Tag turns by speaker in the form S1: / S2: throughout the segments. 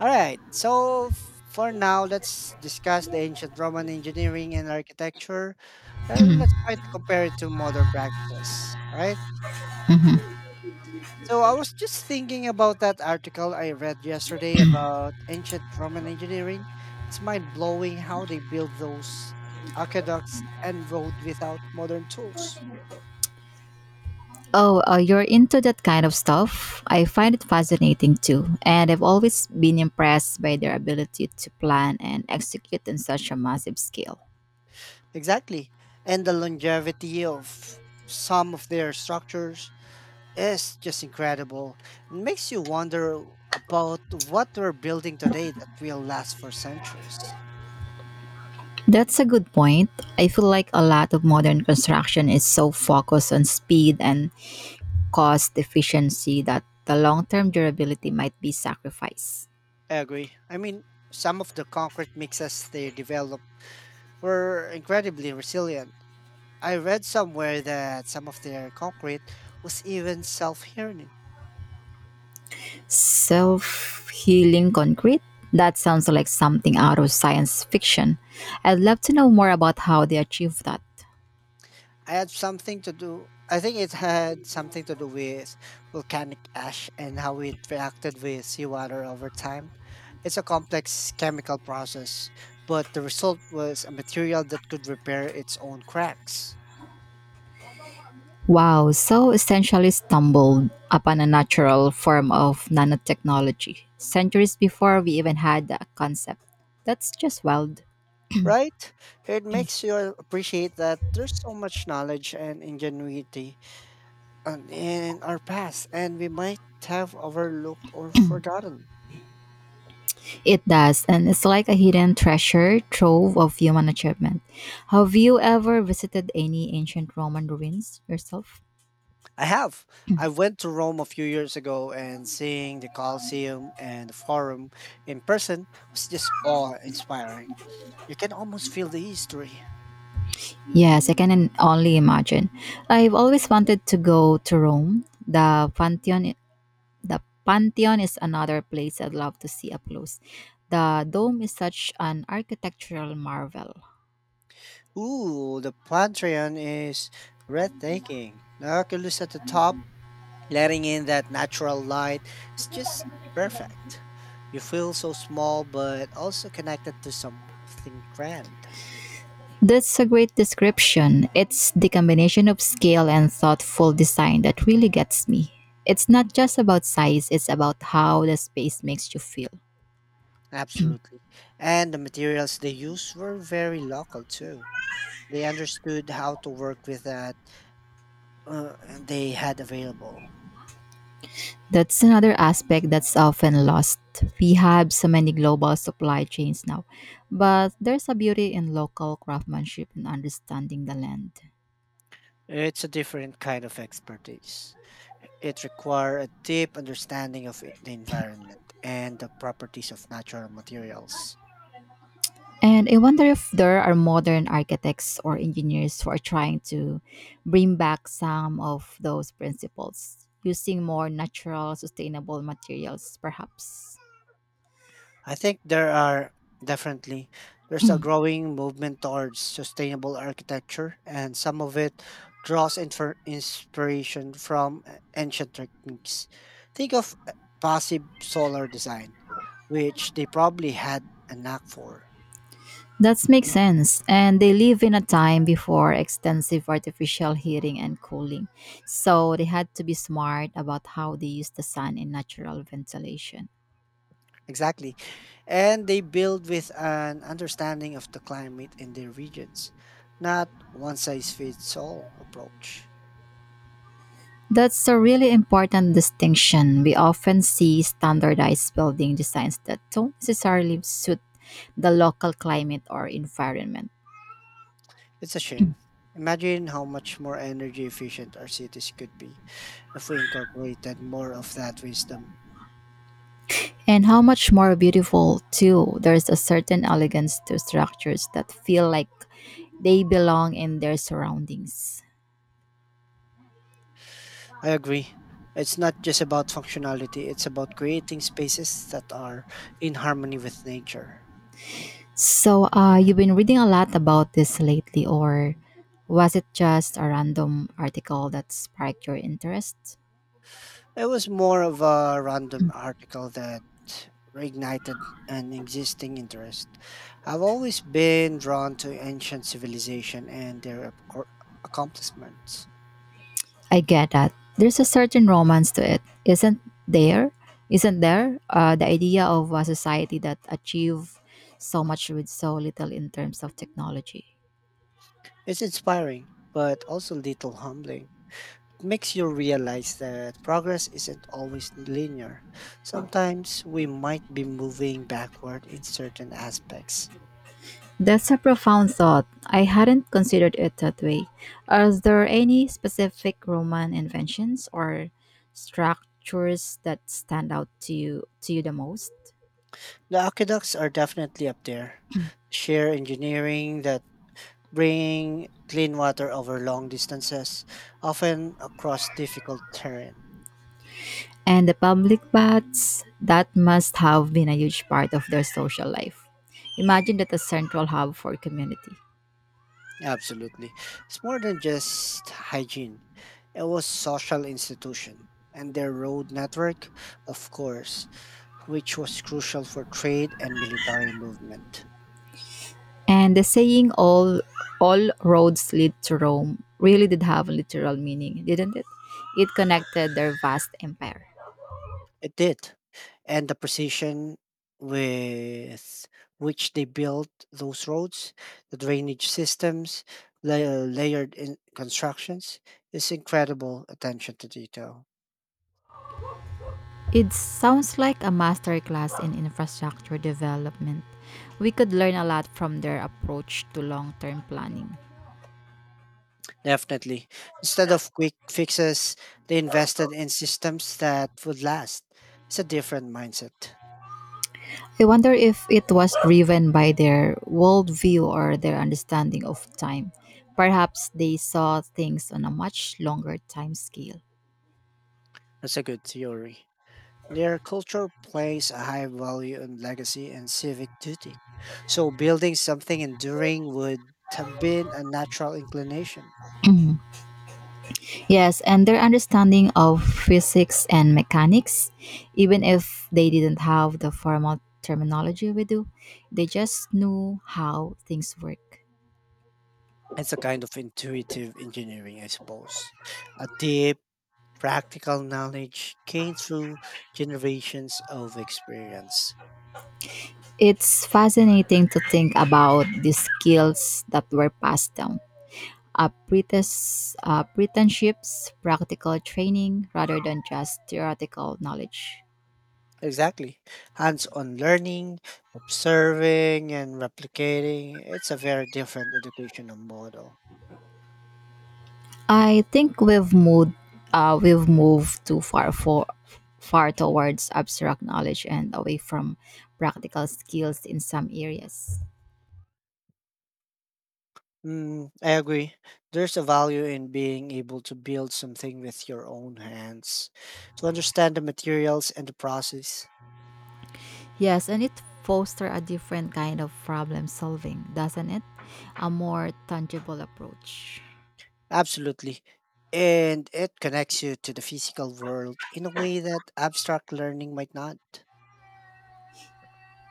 S1: All right. For now, let's discuss the ancient Roman engineering and architecture. Let's try to compare it to modern practices. All right.
S2: Mhm.
S1: So I was just thinking about that article I read yesterday about ancient Roman engineering. It's mind blowing how they built those aqueducts and road without modern tools.
S2: Oh, you're into that kind of stuff? I find it fascinating too, and I've always been impressed by their ability to plan and execute on such a massive scale.
S1: Exactly. And the longevity of some of their structures is just incredible. It makes you wonder about what we're building today that will last for centuries.
S2: That's a good point. I feel like a lot of modern construction is so focused on speed and cost efficiency that the long term durability might be sacrificed.
S1: I agree. I mean, some of the concrete mixes they developed were incredibly resilient. I read somewhere that some of their concrete was even self healing.
S2: Self healing concrete? That sounds like something out of science fiction. I'd love to know more about how they achieve that.
S1: I think it had something to do with volcanic ash and how it reacted with seawater over time. It's a complex chemical process, but the result was a material that could repair its own cracks.
S2: Wow, so essentially stumbled upon a natural form of nanotechnology centuries before we even had that concept. That's just wild.
S1: Right? It makes you appreciate that there's so much knowledge and ingenuity in our past, and we might have overlooked or forgotten.
S2: It does, and it's like a hidden treasure trove of human achievement. Have you ever visited any ancient Roman ruins yourself?
S1: I have. I went to Rome a few years ago and seeing the Colosseum and the Forum in person was just awe-inspiring. You can almost feel the history.
S2: Yes, I can only imagine. I've always wanted to go to Rome. The Pantheon is another place I'd love to see up close. The dome is such an architectural marvel.
S1: Ooh, the Pantheon is breathtaking. The Oculus at the top, letting in that natural light, it's just perfect. You feel so small but also connected to something grand.
S2: That's a great description. It's the combination of scale and thoughtful design that really gets me. It's not just about size, it's about how the space makes you feel.
S1: Absolutely. And the materials they used were very local too. They understood how to work with that uh, they had available.
S2: That's another aspect that's often lost. We have so many global supply chains now, but there's a beauty in local craftsmanship and understanding the land.
S1: It's a different kind of expertise. It requires a deep understanding of the environment and the properties of natural materials.
S2: And I wonder if there are modern architects or engineers who are trying to bring back some of those principles using more natural, sustainable materials, perhaps.
S1: I think there are definitely there's a growing movement towards sustainable architecture, and some of it draws inspiration from ancient techniques. Think of passive solar design, which they probably had a knack for.
S2: That makes sense. And they live in a time before extensive artificial heating and cooling. So they had to be smart about how they use the sun and natural ventilation.
S1: Exactly. And they build with an understanding of the climate in their regions, not one size fits all approach.
S2: That's a really important distinction. We often see standardized building designs that don't necessarily suit the local climate or environment.
S1: It's a shame. Imagine how much more energy efficient our cities could be if we incorporated more of that wisdom.
S2: And how much more beautiful, too. There's a certain elegance to structures that feel like they belong in their surroundings.
S1: I agree. It's not just about functionality, it's about creating spaces that are in harmony with nature.
S2: So, you've been reading a lot about this lately, or was it just a random article that sparked your interest?
S1: It was more of a random article that reignited an existing interest. I've always been drawn to ancient civilization and their accomplishments.
S2: I get that. There's a certain romance to it, isn't there? The idea of a society that achieve so much with so little in terms of technology.
S1: It's inspiring, but also little humbling. Makes you realize that progress isn't always linear. Sometimes we might be moving backward in certain aspects.
S2: That's a profound thought. I hadn't considered it that way. Are there any specific Roman inventions or structures that stand out to you the most?
S1: The aqueducts are definitely up there. Sheer engineering that bring clean water over long distances, often across difficult terrain.
S2: And the public baths, that must have been a huge part of their social life. Imagine that a central hub for community.
S1: Absolutely. It's more than just hygiene. It was social institution and their road network, of course, which was crucial for trade and military movement.
S2: And the saying all roads lead to Rome really did have a literal meaning, didn't it? It connected their vast empire.
S1: It did. And the precision with which they built those roads, the drainage systems, la- layered in constructions, is incredible attention to detail.
S2: It sounds like a masterclass in infrastructure development. We could learn a lot from their approach to long-term planning.
S1: Definitely. Instead of quick fixes, they invested in systems that would last. It's a different mindset.
S2: I wonder if it was driven by their worldview or their understanding of time. Perhaps they saw things on a much longer time scale.
S1: That's a good theory. Their culture plays a high value on legacy and civic duty. So building something enduring would have been a natural inclination.
S2: Yes, and their understanding of physics and mechanics, even if they didn't have the formal terminology we do, they just knew how things work.
S1: It's a kind of intuitive engineering, I suppose. A deep, practical knowledge gained through generations of experience.
S2: It's fascinating to think about the skills that were passed down. Apprenticeships, practical training rather than just theoretical knowledge.
S1: Exactly. Hands on learning, observing, and replicating. It's a very different educational model.
S2: I think we've moved too far towards abstract knowledge and away from practical skills in some areas.
S1: Mm, I agree. There's a value in being able to build something with your own hands, to understand the materials and the process.
S2: Yes, and it fosters a different kind of problem solving, doesn't it? A more tangible approach.
S1: Absolutely. And it connects you to the physical world in a way that abstract learning might not.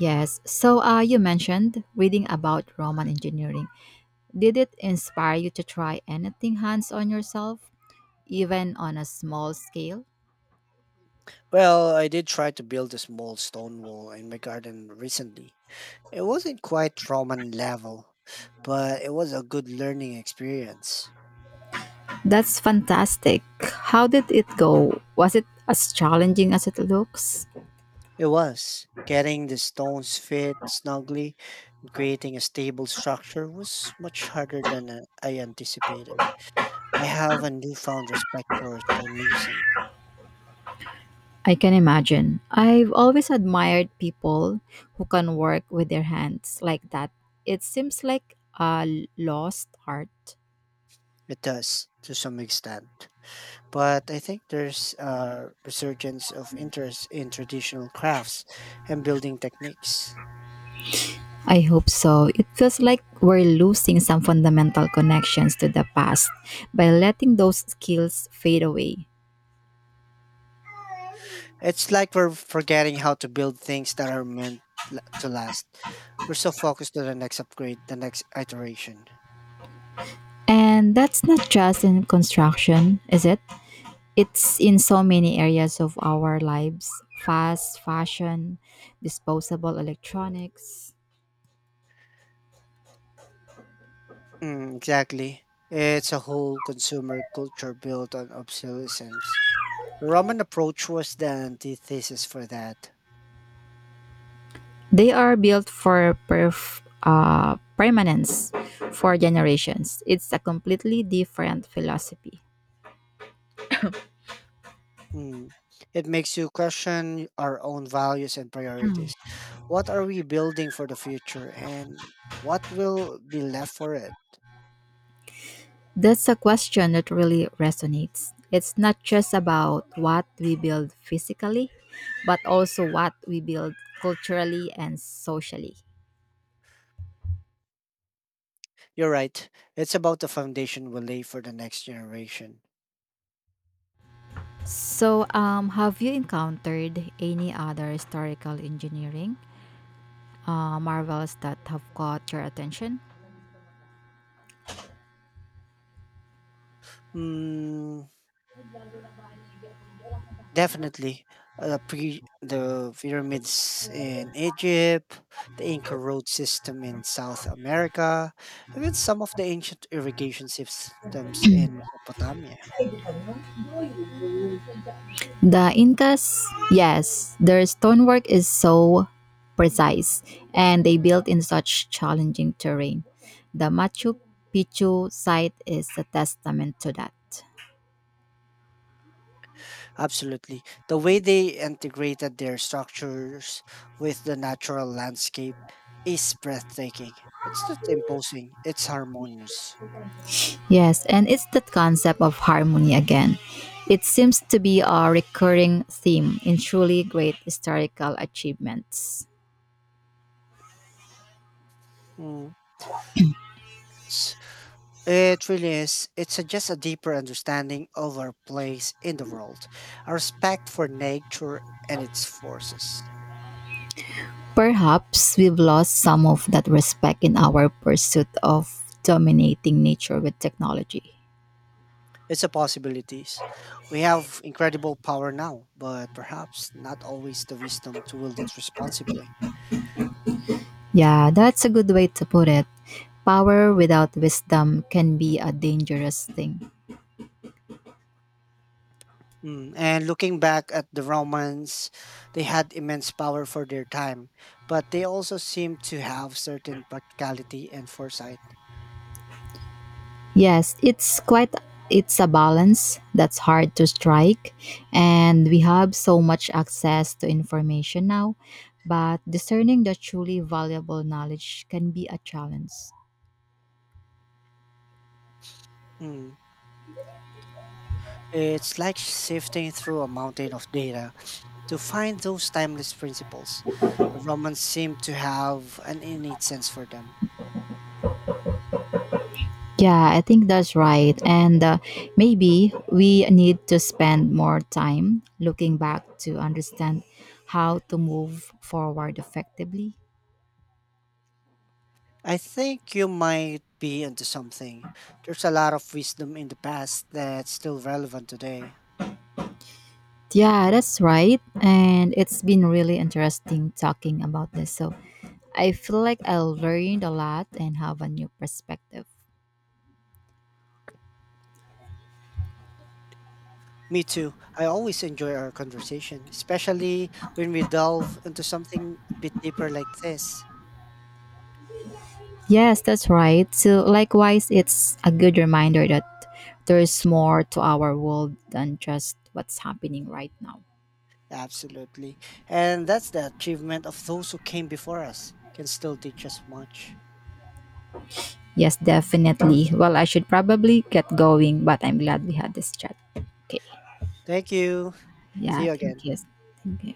S2: Yes. So, you mentioned reading about Roman engineering. Did it inspire you to try anything hands on yourself, even on a small scale?
S1: Well, I did try to build a small stone wall in my garden recently. It wasn't quite Roman level, but it was a good learning experience.
S2: That's fantastic. How did it go? Was it as challenging as it looks?
S1: It was. Getting the stones fit snugly and creating a stable structure was much harder than I anticipated. I have a newfound respect for stonemasons.
S2: I can imagine. I've always admired people who can work with their hands like that. It seems like a lost art.
S1: It does, to some extent. But I think there's a resurgence of interest in traditional crafts and building techniques.
S2: I hope so. It feels like we're losing some fundamental connections to the past by letting those skills fade away.
S1: It's like we're forgetting how to build things that are meant to last. We're so focused on the next upgrade, the next iteration.
S2: And that's not just in construction, is it? It's in so many areas of our lives, fast fashion, disposable electronics.
S1: Mm, exactly. It's a whole consumer culture built on obsolescence. The Roman approach was the antithesis for that.
S2: They are built for permanence for generations. It's a completely different philosophy.
S1: Mm. It makes you question our own values and priorities. What are we building for the future and what will be left for it?
S2: That's a question that really resonates. It's not just about what we build physically, but also what we build culturally and socially.
S1: You're right. It's about the foundation we lay for the next generation.
S2: So, have you encountered any other historical engineering marvels that have caught your attention?
S1: Mm, definitely. Pre the pyramids in Egypt, the Inca road system in South America, even some of the ancient irrigation systems in Mesopotamia.
S2: The Incas, yes, their stonework is so precise and they built in such challenging terrain. The Machu Picchu site is a testament to that.
S1: Absolutely. The way they integrated their structures with the natural landscape is breathtaking. It's not imposing, it's harmonious.
S2: Yes, and it's that concept of harmony again. It seems to be a recurring theme in truly great historical achievements.
S1: Mm. It really is. It suggests a deeper understanding of our place in the world, a respect for nature and its forces.
S2: Perhaps we've lost some of that respect in our pursuit of dominating nature with technology.
S1: It's possibilities. We have incredible power now, but perhaps not always the wisdom to wield it responsibly.
S2: Yeah, that's a good way to put it. Power without wisdom can be a dangerous thing.
S1: Mm, and looking back at the Romans, they had immense power for their time, but they also seemed to have certain practicality and foresight.
S2: Yes, it's a balance that's hard to strike, and we have so much access to information now, but discerning the truly valuable knowledge can be a challenge.
S1: Mm. It's like sifting through a mountain of data to find those timeless principles. The Romans seem to have an innate sense for them.
S2: Yeah, I think that's right. And maybe we need to spend more time looking back to understand how to move forward effectively.
S1: I think you might be onto something. There's a lot of wisdom in the past that's still relevant today.
S2: Yeah, that's right. And it's been really interesting talking about this. So I feel like I learned a lot and have a new perspective.
S1: Me too. I always enjoy our conversation, especially when we delve into something a bit deeper like this.
S2: Yes, that's right. So, likewise, it's a good reminder that there's more to our world than just what's happening right now.
S1: Absolutely. And that's the achievement of those who came before us, can still teach us much.
S2: Yes, definitely. Well, I should probably get going, but I'm glad we had this chat. Okay.
S1: Thank you. See
S2: Yeah,
S1: you
S2: thank
S1: again.
S2: you. Thank you.